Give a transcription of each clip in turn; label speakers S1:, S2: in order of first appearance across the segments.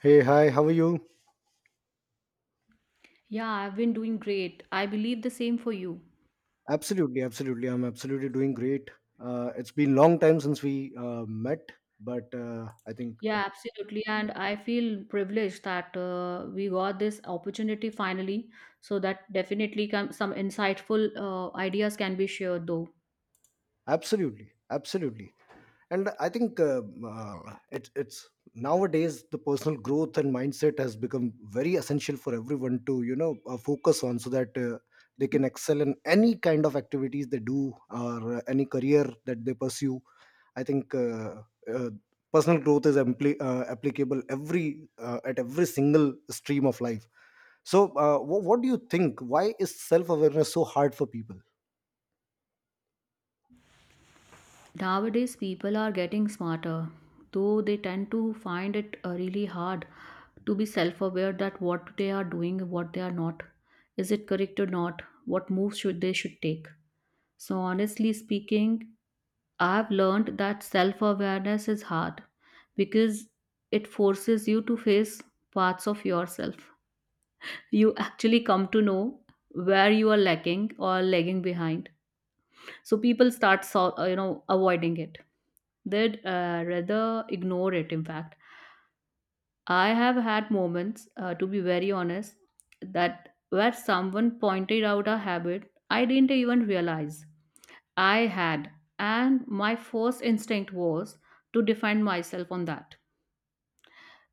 S1: Hey, hi, how are you?
S2: Yeah, I've been doing great. I believe the same for you.
S1: Absolutely, absolutely. I'm absolutely doing great. It's been long time since we met, but I think
S2: Yeah, absolutely. And I feel privileged that we got this opportunity finally. So that definitely can, some insightful ideas can be shared though.
S1: absolutely, absolutely. And I think it's nowadays the personal growth and mindset has become very essential for everyone to focus on so that they can excel in any kind of activities they do or any career that they pursue. I think uh, Personal growth is applicable every at every single stream of life. So, what do you think? Why is self awareness so hard for people?
S2: Nowadays, people are getting smarter, though they tend to find it really hard to be self aware that what they are doing, what they are not. Is it correct or not? What moves should they should take? So, honestly speaking, I've learned that self awareness is hard because it forces you to face parts of yourself. You actually come to know where you are lacking or lagging behind. So, people start, so, avoiding it. They'd rather ignore it, in fact. I have had moments, to be very honest, that where someone pointed out a habit I didn't even realize I had, and my first instinct was to defend myself on that.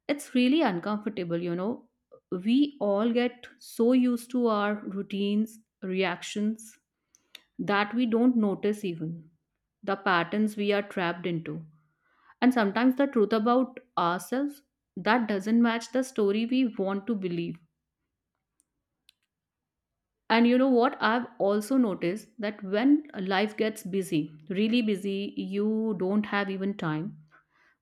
S2: It's really uncomfortable. We all get so used to our routines, reactions, that we don't notice even the patterns we are trapped into. And sometimes the truth about ourselves that doesn't match the story we want to believe. And you know what? I've also noticed that when life gets busy, really busy, you don't have even time.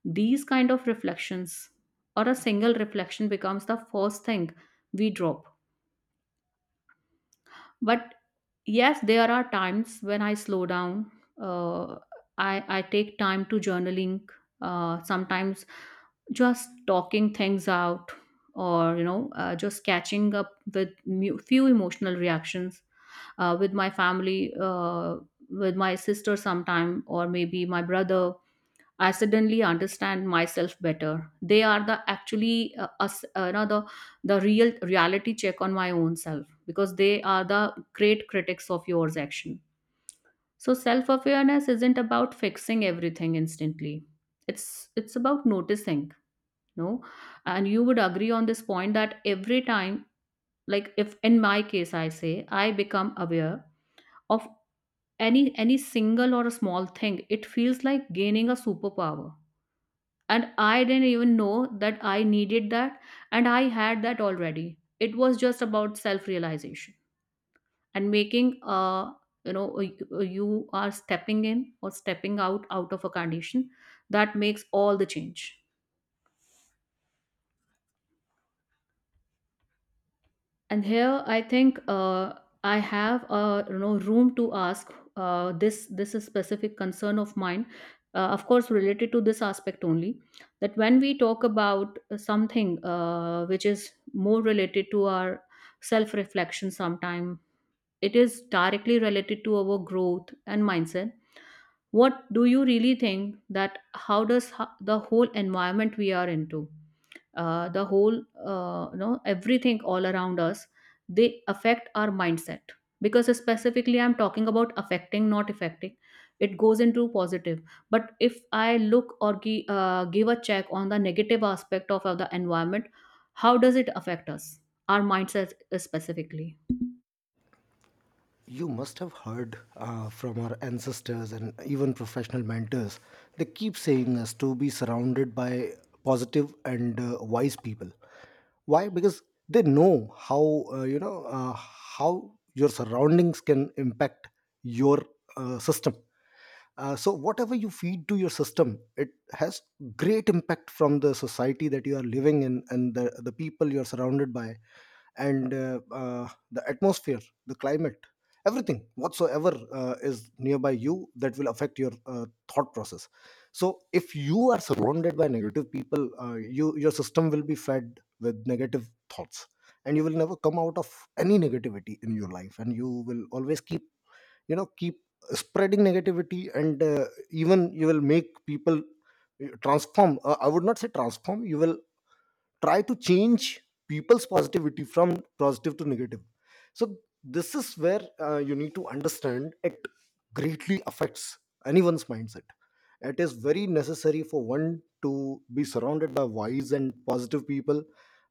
S2: These kind of reflections or a single reflection becomes the first thing we drop. But yes, there are times when I slow down. Uh, I take time to journaling, sometimes just talking things out or just catching up with few emotional reactions with my family with my sister sometime or maybe my brother. I suddenly understand myself better. They are the actually us, the real reality check on my own self because they are the great critics of yours action. So self awareness isn't about fixing everything instantly. It's about noticing, no. And you would agree on this point that every time, like if in my case I say I become aware of any single or a small thing, it feels like gaining a superpower, and I didn't even know that I needed that, and I had that already. It was just about self realization, and making you are stepping in or stepping out of a condition that makes all the change. And here I think I have, room to ask, this is specific concern of mine, of course related to this aspect only, that when we talk about something which is more related to our self reflection sometime, it is directly related to our growth and mindset. What do you really think that how does the whole environment we are into, the whole, everything all around us, they affect our mindset? Because specifically I'm talking about affecting, not affecting. It goes into positive. But if I look or give a check on the negative aspect of the environment, how does it affect us, our mindset, specifically?
S1: You must have heard from our ancestors and even professional mentors. They keep saying us to be surrounded by positive and wise people. Why? Because they know how your surroundings can impact your system. So whatever you feed to your system, it has great impact from the society that you are living in and the people you are surrounded by, and the atmosphere, the climate, everything whatsoever is nearby you, that will affect your thought process. So if you are surrounded by negative people, your system will be fed with negative thoughts, and you will never come out of any negativity in your life, and you will always keep, keep spreading negativity, and even you will make people transform. I would not say transform. You will try to change people's positivity from positive to negative. So this is where you need to understand it greatly affects anyone's mindset. It is very necessary for one to be surrounded by wise and positive people,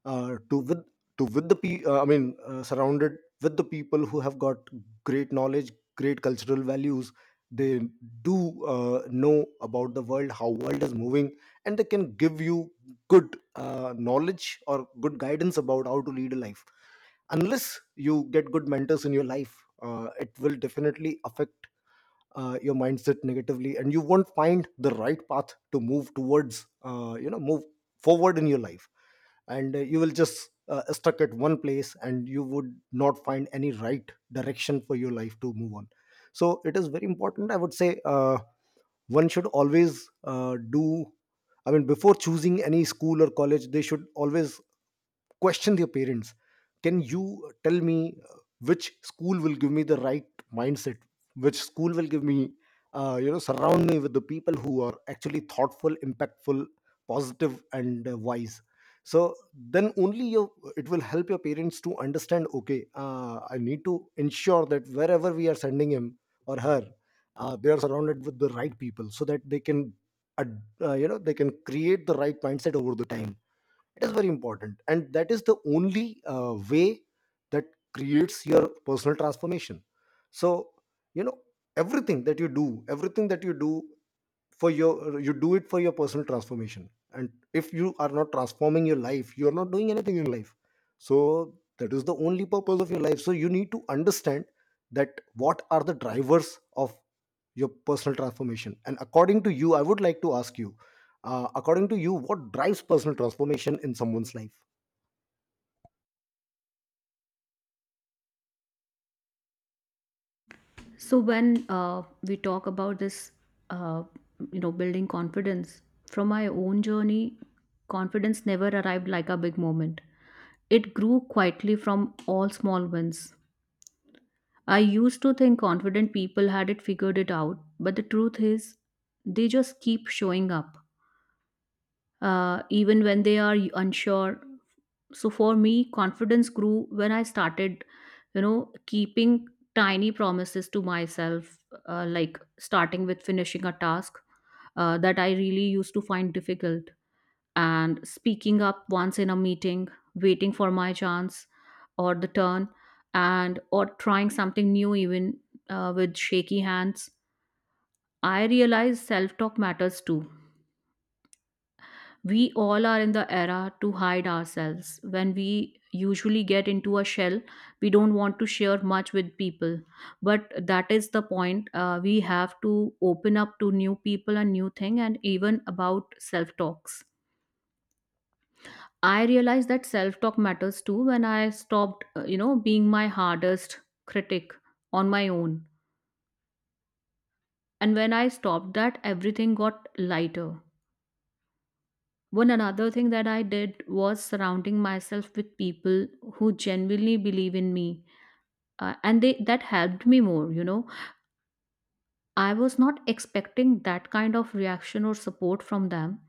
S1: uh, to with to with the pe- I mean surrounded with the people who have got great knowledge, great cultural values. They do know about the world, how world is moving, and they can give you good knowledge or good guidance about how to lead a life. Unless you get good mentors in your life, it will definitely affect your mindset negatively, and you won't find the right path to move towards, move forward in your life, and you will just stuck at one place, and you would not find any right direction for your life to move on. So it is very important, I would say. One should always do I mean before choosing any school or college, they should always question their parents: can you tell me which school will give me the right mindset? Which school will give me surround me with the people who are actually thoughtful, impactful, positive and wise? So then only you it will help your parents to understand, okay, I need to ensure that wherever we are sending him or her, they are surrounded with the right people, so that they can they can create the right mindset over the time. It is very important, and that is the only way that creates your personal transformation. So, you know, everything that you do, everything that you do for your you do it for your personal transformation, and if you are not transforming your life, you are not doing anything in life. So that is the only purpose of your life. So you need to understand that what are the drivers of your personal transformation. And according to you, I would like to ask you, according to you, what drives personal transformation in someone's life?
S2: So when we talk about this, uh, building confidence from my own journey, confidence never arrived like a big moment. It grew quietly from all small wins. I used to think confident people had it figured it out, but the truth is, they just keep showing up, even when they are unsure. So for me, confidence grew when I started, keeping tiny promises to myself, like starting with finishing a task that I really used to find difficult, and speaking up once in a meeting, waiting for my chance or the turn, and or trying something new even with shaky hands. I realized self talk matters too. We all are in the era to hide ourselves. When we usually get into a shell, we don't want to share much with people. But that is the point. We have to open up to new people and new thing, and even about self talks. I realized that self talk matters too when I stopped, being my hardest critic on my own. And when I stopped that, everything got lighter. One another thing that I did was surrounding myself with people who genuinely believe in me. And they that helped me more. I was not expecting that kind of reaction or support from them.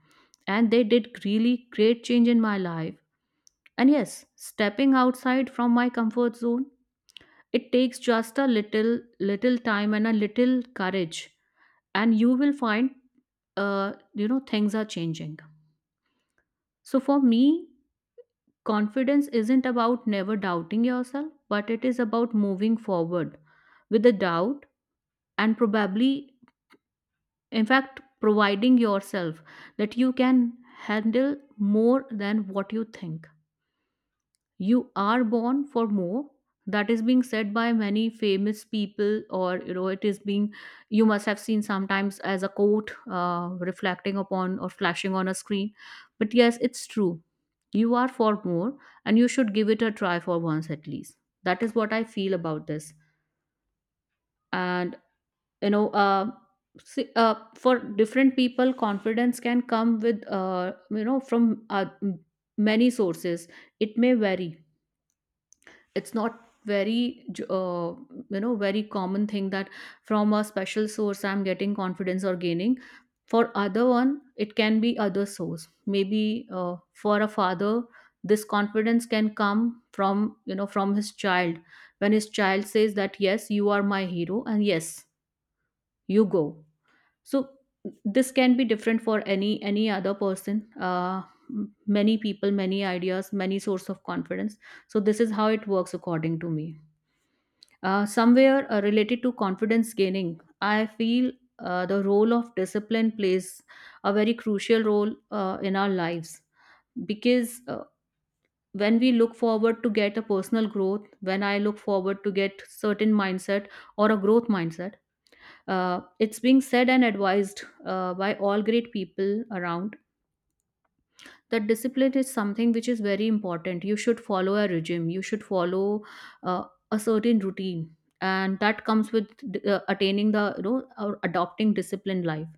S2: And they did really great change in my life. And yes, stepping outside from my comfort zone, it takes just a little little time and a little courage. And you will find, things are changing. So for me, confidence isn't about never doubting yourself, but it is about moving forward with the doubt, and probably, in fact, providing yourself that you can handle more than what you think. You are born for more. That is being said by many famous people, or it is being, you must have seen sometimes as a quote reflecting upon or flashing on a screen. But yes, it's true, you are for more, and you should give it a try for once at least. That is what I feel about this. And you know uh, see, for different people confidence can come with, from, many sources. It may vary. It's not very, uh, very common thing, that from a special source I'm getting confidence or gaining. For other one, it can be other source. Maybe for a father, this confidence can come from, from his child, when his child says that yes you are my hero and yes you go. So this can be different for any other person. uh, Many people, many ideas, many source of confidence. So this is how it works according to me. Somewhere related to confidence gaining, I feel the role of discipline plays a very crucial role in our lives. Because when we look forward to get a personal growth, when I look forward to get certain mindset or a growth mindset, it's being said and advised by all great people around, that discipline is something which is very important. You should follow a regime, you should follow uh, a certain routine, and that comes with attaining the, or adopting disciplined life.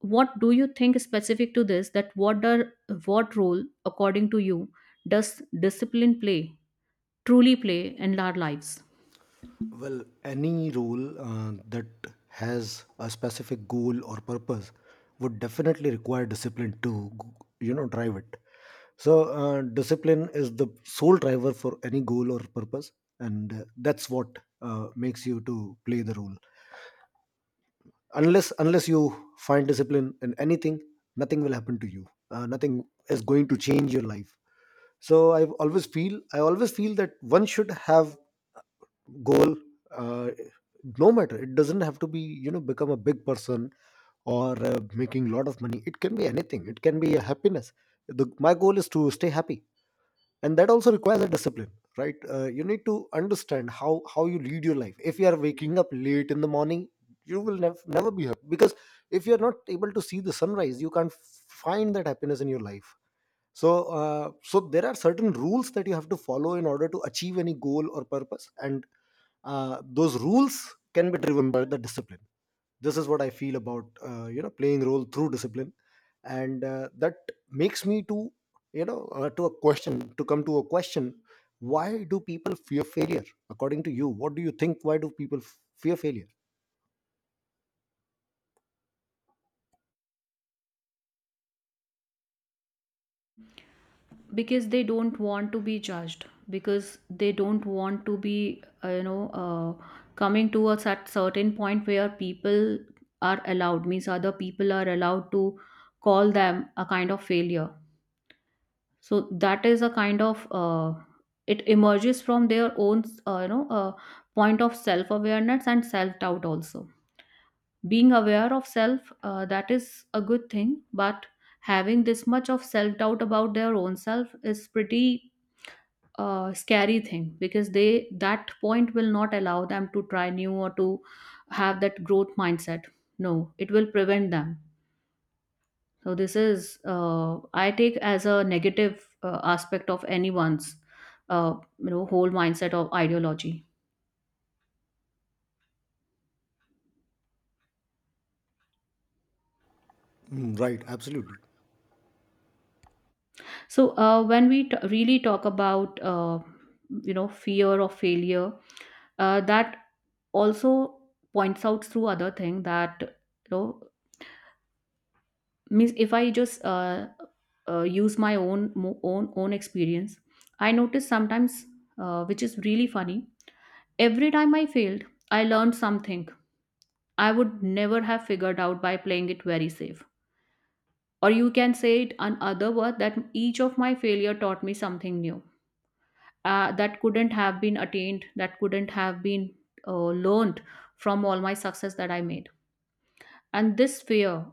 S2: What do you think specific to this, that what are, what role according to you does discipline play, truly play, in our lives?
S1: Well, any role that has a specific goal or purpose would definitely require discipline to, drive it. So discipline is the sole driver for any goal or purpose, and that's what makes you to play the role. Unless you find discipline in anything, nothing will happen to you. Nothing is going to change your life. So I always feel that one should have goal. uh, no matter, it doesn't have to be, you know, become a big person or making a lot of money. It can be anything, it can be a happiness. My goal is to stay happy, and that also requires a discipline. Right? You need to understand how, you lead your life. If you are waking up late in the morning, you will never be happy, because if you are not able to see the sunrise, you can't find that happiness in your life. So, so there are certain rules that you have to follow in order to achieve any goal or purpose, and those rules can be driven by the discipline. This is what I feel about, playing role through discipline. And that makes me to, you know to a question to come to a question: why do people fear failure? According to you, what do you think, why do people fear failure?
S2: Because they don't want to be judged, because they don't want to be, coming to a certain point where people are allowed, means other people are allowed to call them a kind of failure. So that is a kind of, it emerges from their own, point of self awareness and self doubt also. Being aware of self, that is a good thing, but having this much of self doubt about their own self is pretty scary thing, because they, that point will not allow them to try new or to have that growth mindset, no, it will prevent them. So this is, I take as a negative aspect of anyone's, whole mindset of ideology.
S1: Mm, right, absolutely.
S2: So when we really talk about, fear of failure, that also points out through other thing, that means if I just, use my own own experience, I noticed sometimes, which is really funny, every time I failed, I learned something I would never have figured out by playing it very safe. Or you can say it another word, that each of my failure taught me something new, that couldn't have been attained, that couldn't have been learned from all my success that I made. And this fear,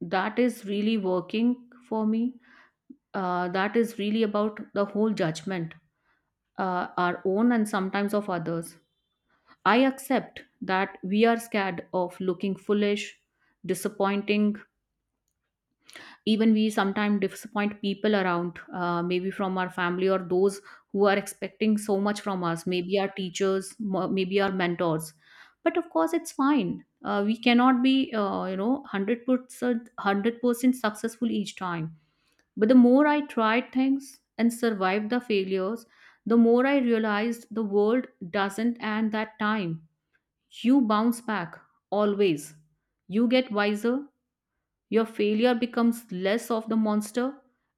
S2: that is really working for me, that is really about the whole judgment, our own and sometimes of others. I accept that we are scared of looking foolish, disappointing. Even we sometimes disappoint people around, maybe from our family or those who are expecting so much from us, maybe our teachers, maybe our mentors. But of course, it's fine. We cannot be, 100% successful each time. But the more I tried things and survived the failures, the more I realized the world doesn't end that time. You bounce back, always. You get wiser, your failure becomes less of the monster,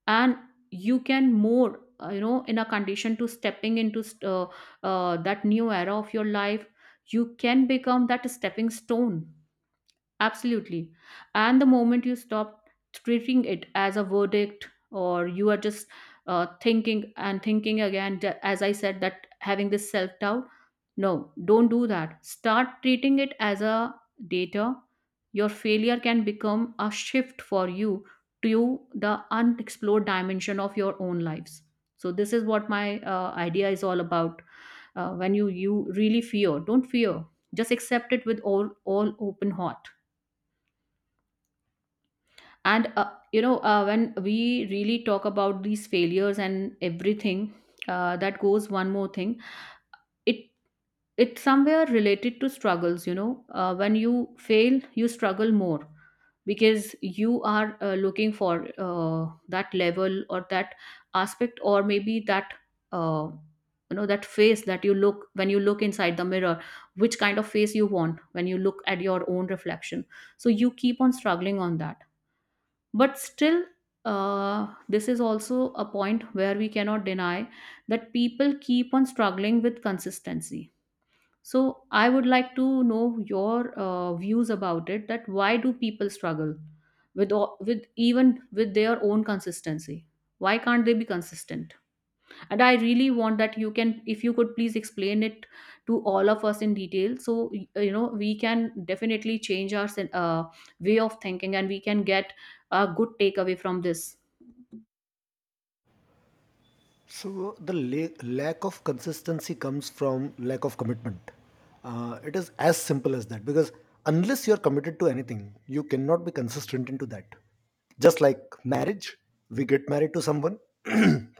S2: and you can more, in a condition to stepping into that new era of your life, you can become that stepping stone. Absolutely. And the moment you stop treating it as a verdict, or you are just thinking and thinking again, as I said, that having this self doubt, no, don't do that. Start treating it as a data. Your failure can become a shift for you to the unexplored dimension of your own lives. So this is what my idea is all about. When you really fear, don't fear. Just accept it with all open heart. And when we really talk about these failures and everything, that goes one more thing. it it's somewhere related to struggles. When you fail you struggle more, because you are looking for that level, or that aspect, or maybe that uh, that face that you look when you look inside the mirror, which kind of face you want when you look at your own reflection. So you keep on struggling on that. But still, this is also a point where we cannot deny that people keep on struggling with consistency. So I would like to know your views about it, that why do people struggle with even with their own consistency? Why can't they be consistent? And I really want that you can, if you could please explain it to all of us in detail, so we can definitely change our way of thinking, and we can get a good takeaway from this.
S1: So the lack of consistency comes from lack of commitment. It is as simple as that, because unless you're committed to anything, you cannot be consistent into that. Just like marriage, we get married to someone.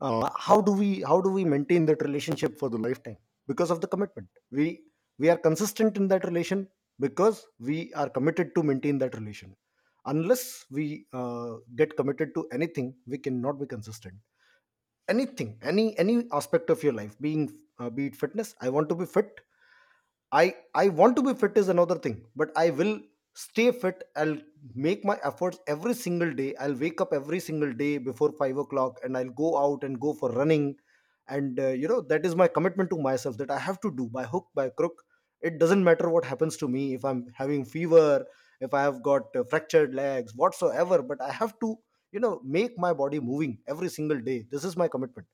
S1: How do we maintain that relationship for the lifetime? Because of the commitment, we are consistent in that relation, because we are committed to maintain that relation. Unless we get committed to anything, we cannot be consistent anything, any aspect of your life being, be it fitness. I want to be fit. I want to be fit is another thing, but I will stay fit. I'll make my efforts every single day. I'll wake up every single day before 5 o'clock, and I'll go out and go for running. And that is my commitment to myself, that I have to do by hook by crook. It doesn't matter what happens to me, if I'm having fever, if I have got fractured legs, whatsoever. But I have to, make my body moving every single day. This is my commitment.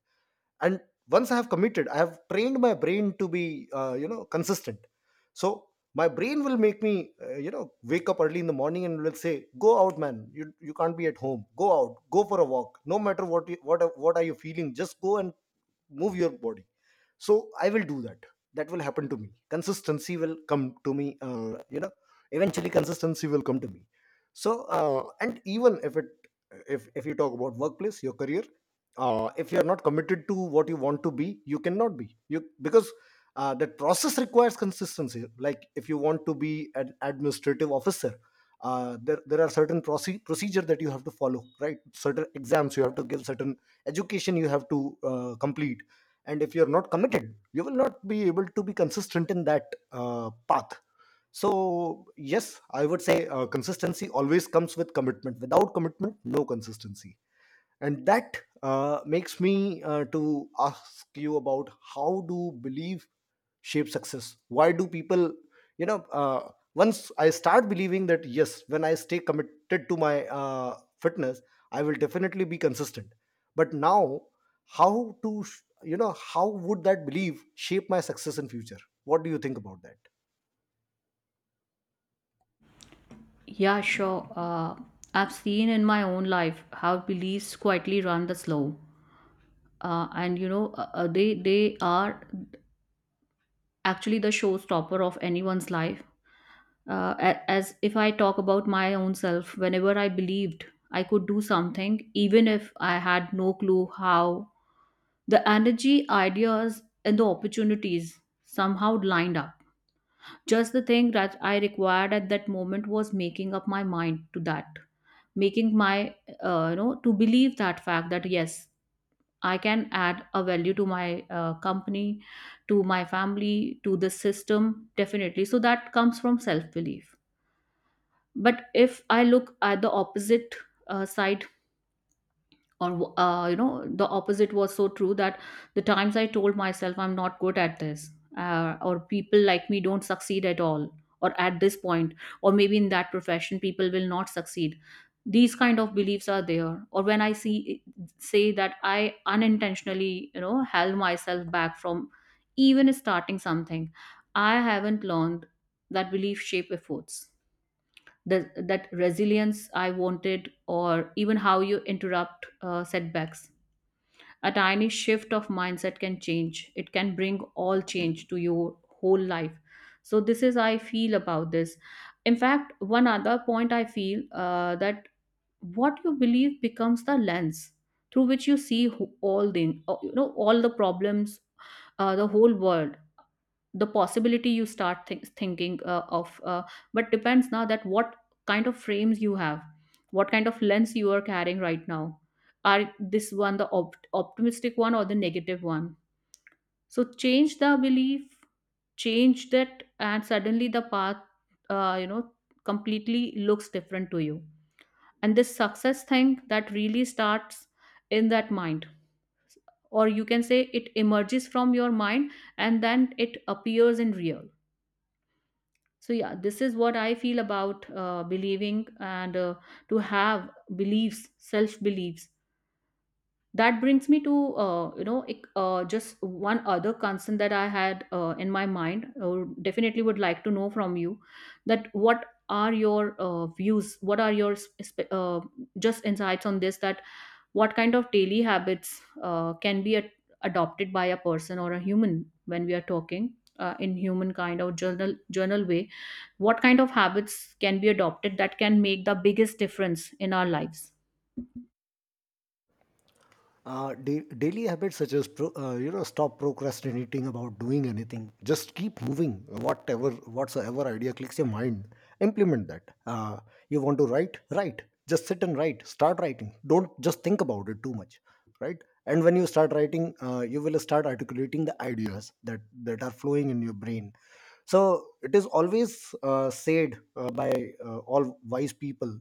S1: And once I have committed, I have trained my brain to be consistent. So my brain will make me uh, you know wake up early in the morning and will say, go out, man, you can't be at home, go out, go for a walk, no matter what what are you feeling, just go and move your body. So I will do that. That will happen to me, consistency will come to me, eventually consistency will come to me. So and even if it, if you talk about workplace, your career, if you are not committed to what you want to be, you cannot be you, because that process requires consistency. Like if you want to be an administrative officer, there are certain procedure that you have to follow, right? Certain exams you have to give, certain education you have to complete. And if you're not committed, you will not be able to be consistent in that path. So yes, I would say consistency always comes with commitment. Without commitment, no consistency. And that makes me to ask you about, how do belief shape success? Why do people, you know uh, once I start believing that yes, when I stay committed to my fitness, I will definitely be consistent, but now, how to how would that belief shape my success in future? What do you think about that?
S2: Yeah, sure. I've seen in my own life how beliefs quietly run the slow, and they are actually the showstopper of anyone's life. As if I talk about my own self, whenever I believed I could do something, even if I had no clue how, the energy, ideas, and the opportunities somehow lined up. Just the thing that I required at that moment was making up my mind to that, making my, to believe that fact that yes, I can add a value to my company, to my family, to the system, definitely. So that comes from self belief. But if I look at the opposite side, or the opposite was so true that the times I told myself I'm not good at this, or people like me don't succeed at all, or at this point, or maybe in that profession people will not succeed, these kind of beliefs are there. Or when I see, say that I unintentionally held myself back from even starting something, I haven't learned that belief shape efforts, that resilience I wanted, or even how you interrupt setbacks. A tiny shift of mindset can change. It can bring all change to your whole life. So this is I feel about this. In fact, one other point I feel that what you believe becomes the lens through which you see all the all the problems, the whole world, the possibility you start thinking of but depends now that what kind of frames you have, what kind of lens you are carrying right now. Are this one the optimistic one or the negative one? So change the belief, change that, and suddenly the path uh, you know completely looks different to you. And this success thing that really starts in that mind, or you can say it emerges from your mind, and then it appears in real. So yeah, this is what I feel about believing, and to have beliefs, self beliefs. That brings me to just one other concern that I had in my mind. Definitely would like to know from you that what are your views, what are your just insights on this, that what kind of daily habits can be adopted by a person or a human when we are talking in human kind or journal way. What kind of habits can be adopted that can make the biggest difference in our lives?
S1: Daily habits such as stop procrastinating about doing anything. Just keep moving. Whatever whatsoever idea clicks your mind, implement that. You want to write, write. Just sit and write. Start writing. Don't just think about it too much, right? And when you start writing, you will start articulating the ideas that are flowing in your brain. So it is always said by all wise people.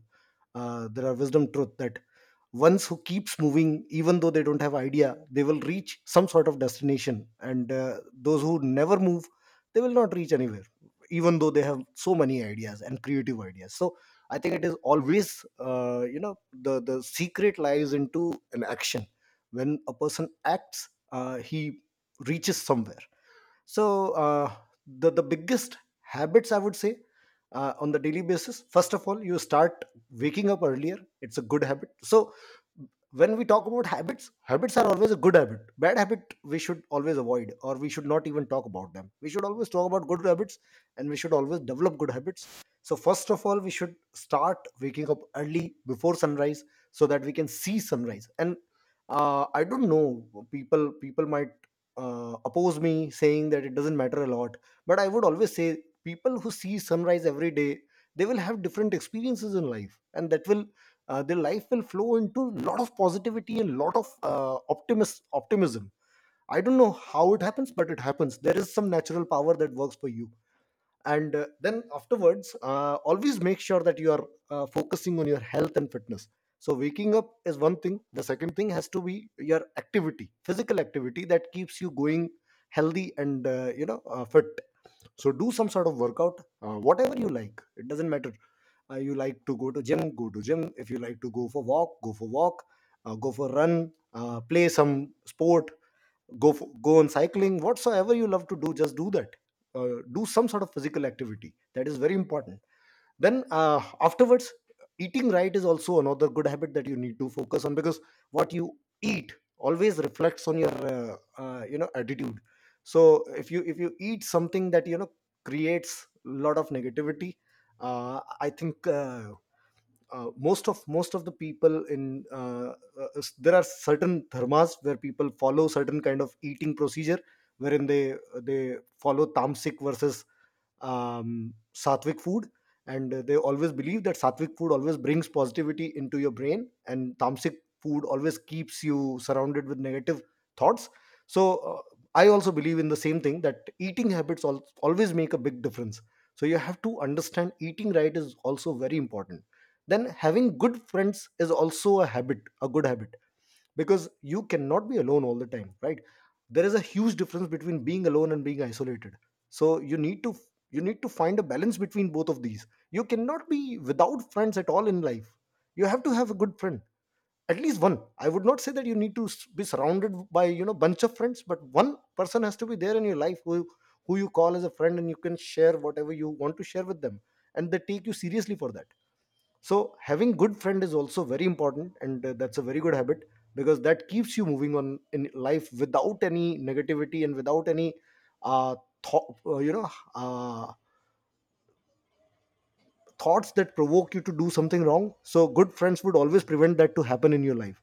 S1: There are wisdom truth that ones who keeps moving even though they don't have idea they will reach some sort of destination, and those who never move, they will not reach anywhere even though they have so many ideas and creative ideas. So I think it is always, the secret lies into an action. When a person acts, he reaches somewhere. So the biggest habits, I would say, on the daily basis, first of all you start waking up earlier. It's a good habit. So when we talk about habits, habits are always a good habit, bad habit. We should always avoid, or we should not even talk about them. We should always talk about good habits, and we should always develop good habits. So first of all, we should start waking up early before sunrise, so that we can see sunrise. And I don't know, people might oppose me saying that it doesn't matter a lot, but I would always say people who see sunrise every day, they will have different experiences in life, and that will, their life will flow into lot of positivity and lot of optimism. I don't know how it happens, but it happens. There is some natural power that works for you. And then afterwards, always make sure that you are focusing on your health and fitness. So waking up is one thing. The second thing has to be your activity, physical activity, that keeps you going healthy and fit. So do some sort of workout, whatever you like, it doesn't matter. You like to go to gym, go to gym. If you like to go for walk, go for walk. Go for run, play some sport, go on cycling, whatsoever you love to do, just do that. Do some sort of physical activity, that is very important. Then afterwards, eating right is also another good habit that you need to focus on, because what you eat always reflects on your attitude. So if you, if you eat something that, you know, creates a lot of negativity, I think, most of the people in, there are certain dharmas where people follow certain kind of eating procedure, wherein they follow tamasic versus sattvic food. And they always believe that sattvic food always brings positivity into your brain, and tamasic food always keeps you surrounded with negative thoughts. So I also believe in the same thing, that eating habits always make a big difference. So you have to understand, eating right is also very important. Then having good friends is also a habit, a good habit, because you cannot be alone all the time, right? There is a huge difference between being alone and being isolated. So you need to, you need to find a balance between both of these. You cannot be without friends at all in life. You have to have a good friend, at least one. I would not say that you need to be surrounded by, you know, bunch of friends, but one person has to be there in your life, who you call as a friend, and you can share whatever you want to share with them, and they take you seriously for that. So having good friend is also very important, and that's a very good habit, because that keeps you moving on in life without any negativity and without any uh, thought, uh, thoughts that provoke you to do something wrong. So good friends would always prevent that to happen in your life.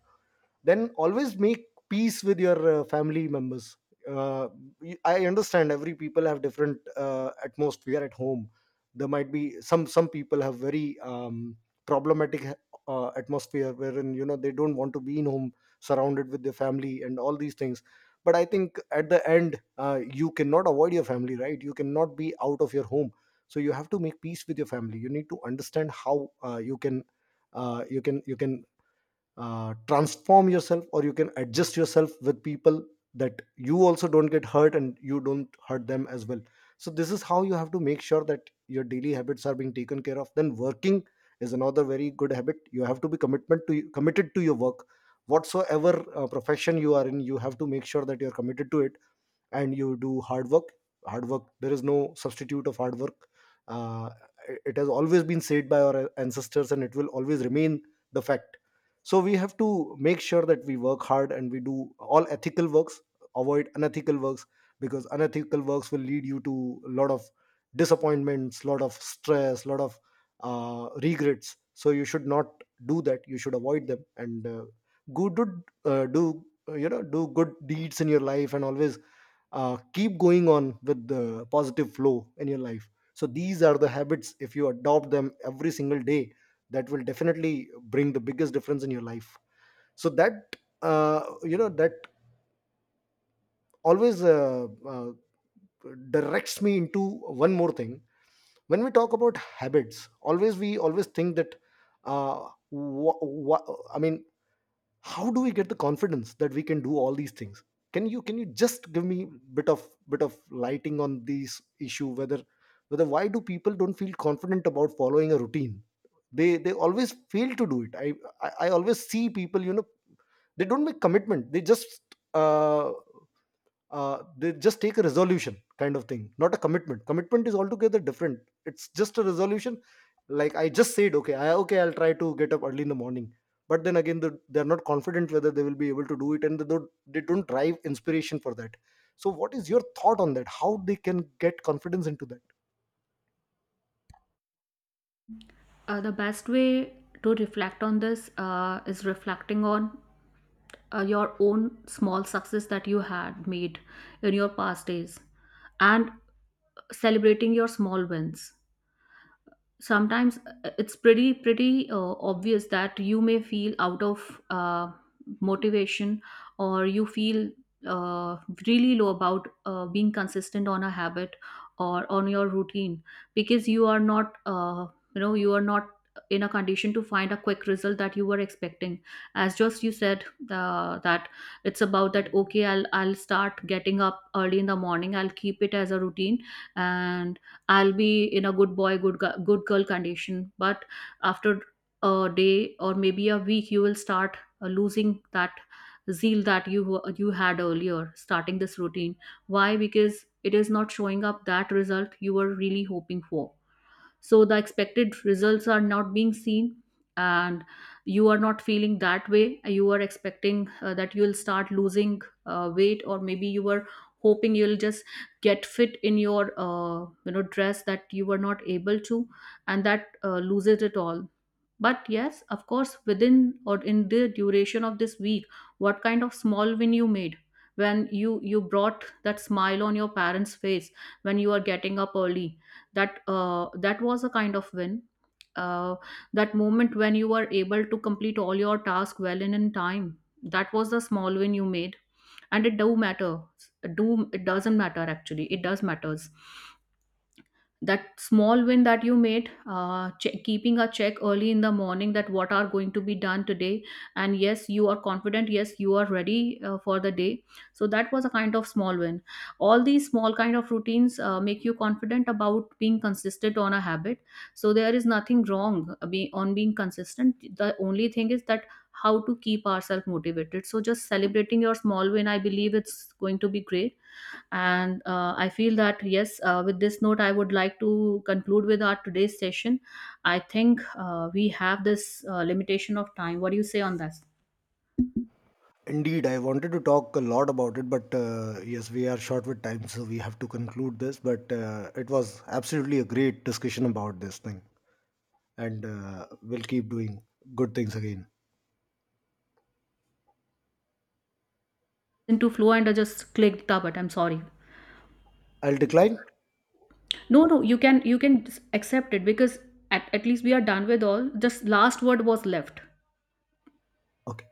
S1: Then always make peace with your family members. uh, I understand every people have different atmosphere at home. There might be some people have very problematic atmosphere, wherein, you know, they don't want to be in home surrounded with their family and all these things. But I think at the end, you cannot avoid your family, right? You cannot be out of your home. So you have to make peace with your family. You need to understand how you can, uh, you can you can transform yourself, or you can adjust yourself with people, that you also don't get hurt and you don't hurt them as well. So this is how you have to make sure that your daily habits are being taken care of. Then working is another very good habit. You have to be commitment to committed to your work. Whatsoever profession you are in, you have to make sure that you are committed to it, and you do hard work. Hard work, there is no substitute of hard work. uh, it has always been said by our ancestors, and it will always remain the fact. So we have to make sure that we work hard, and we do all ethical works, avoid unethical works, because unethical works will lead you to a lot of disappointments, lot of stress, lot of regrets. So you should not do that, you should avoid them, and good do, do you know do good deeds in your life, and always keep going on with the positive flow in your life. So these are the habits, if you adopt them every single day, that will definitely bring the biggest difference in your life. So that, that always, directs me into one more thing. When we talk about habits, always, we always think that, I mean, how do we get the confidence that we can do all these things? Can you just give me bit of lighting on this issue, whether, whether why do people don't feel confident about following a routine? They always fail to do it. I always see people, you know, they don't make commitment, uh they just take a resolution kind of thing, not a commitment. Commitment is altogether different, it's just a resolution. Like I just said, okay, I'll try to get up early in the morning. But then again, they're not confident whether they will be able to do it, and they don't drive inspiration for that. So what is your thought on that, how they can get confidence into that?
S2: The best way to reflect on this is reflecting on your own small success that you had made in your past days, and celebrating your small wins. Sometimes it's pretty obvious that you may feel out of motivation, or you feel uh, really low about being consistent on a habit or on your routine, because you are not, you are not in a condition to find a quick result that you were expecting. As just you said, that it's about that, okay, I'll start getting up early in the morning, I'll keep it as a routine, and I'll be in a good boy, good girl condition. But after a day or maybe a week, you will start losing that zeal that you had earlier starting this routine. Why? Because it is not showing up that result you were really hoping for. So the expected results are not being seen, and you are not feeling that way you are expecting, that you'll start losing weight, or maybe you were hoping you'll just get fit in your dress that you were not able to. And that loses it all. But yes, of course, within or in the duration of this week, what kind of small win you made, when you brought that smile on your parents' face when you are getting up early. That that was a kind of win. Uh, that moment when you were able to complete all your task well and in time. That was the small win you made, and it do matter. Do it doesn't matter actually. It does matters. That small win that you made keeping a check early in the morning, that what are going to be done today, and yes, you are confident, yes, you are ready for the day. So that was a kind of small win. All these small kind of routines make you confident about being consistent on a habit. So there is nothing wrong on being consistent. The only thing is that how to keep ourselves motivated. So just celebrating your small win, I believe it's going to be great. And I feel that yes, with this note I would like to conclude with our today's session. I think we have this limitation of time. What do you say on this?
S1: Indeed, I wanted to talk a lot about it, but yes, we are short with time, so we have to conclude this. But it was absolutely a great discussion about this thing. And will keep doing good things again.
S2: Into flow, and I just clicked the button. I'm sorry.
S1: I'll decline.
S2: No, no, you can, you can accept it, because at least we are done with all, just last word was left.
S1: Okay.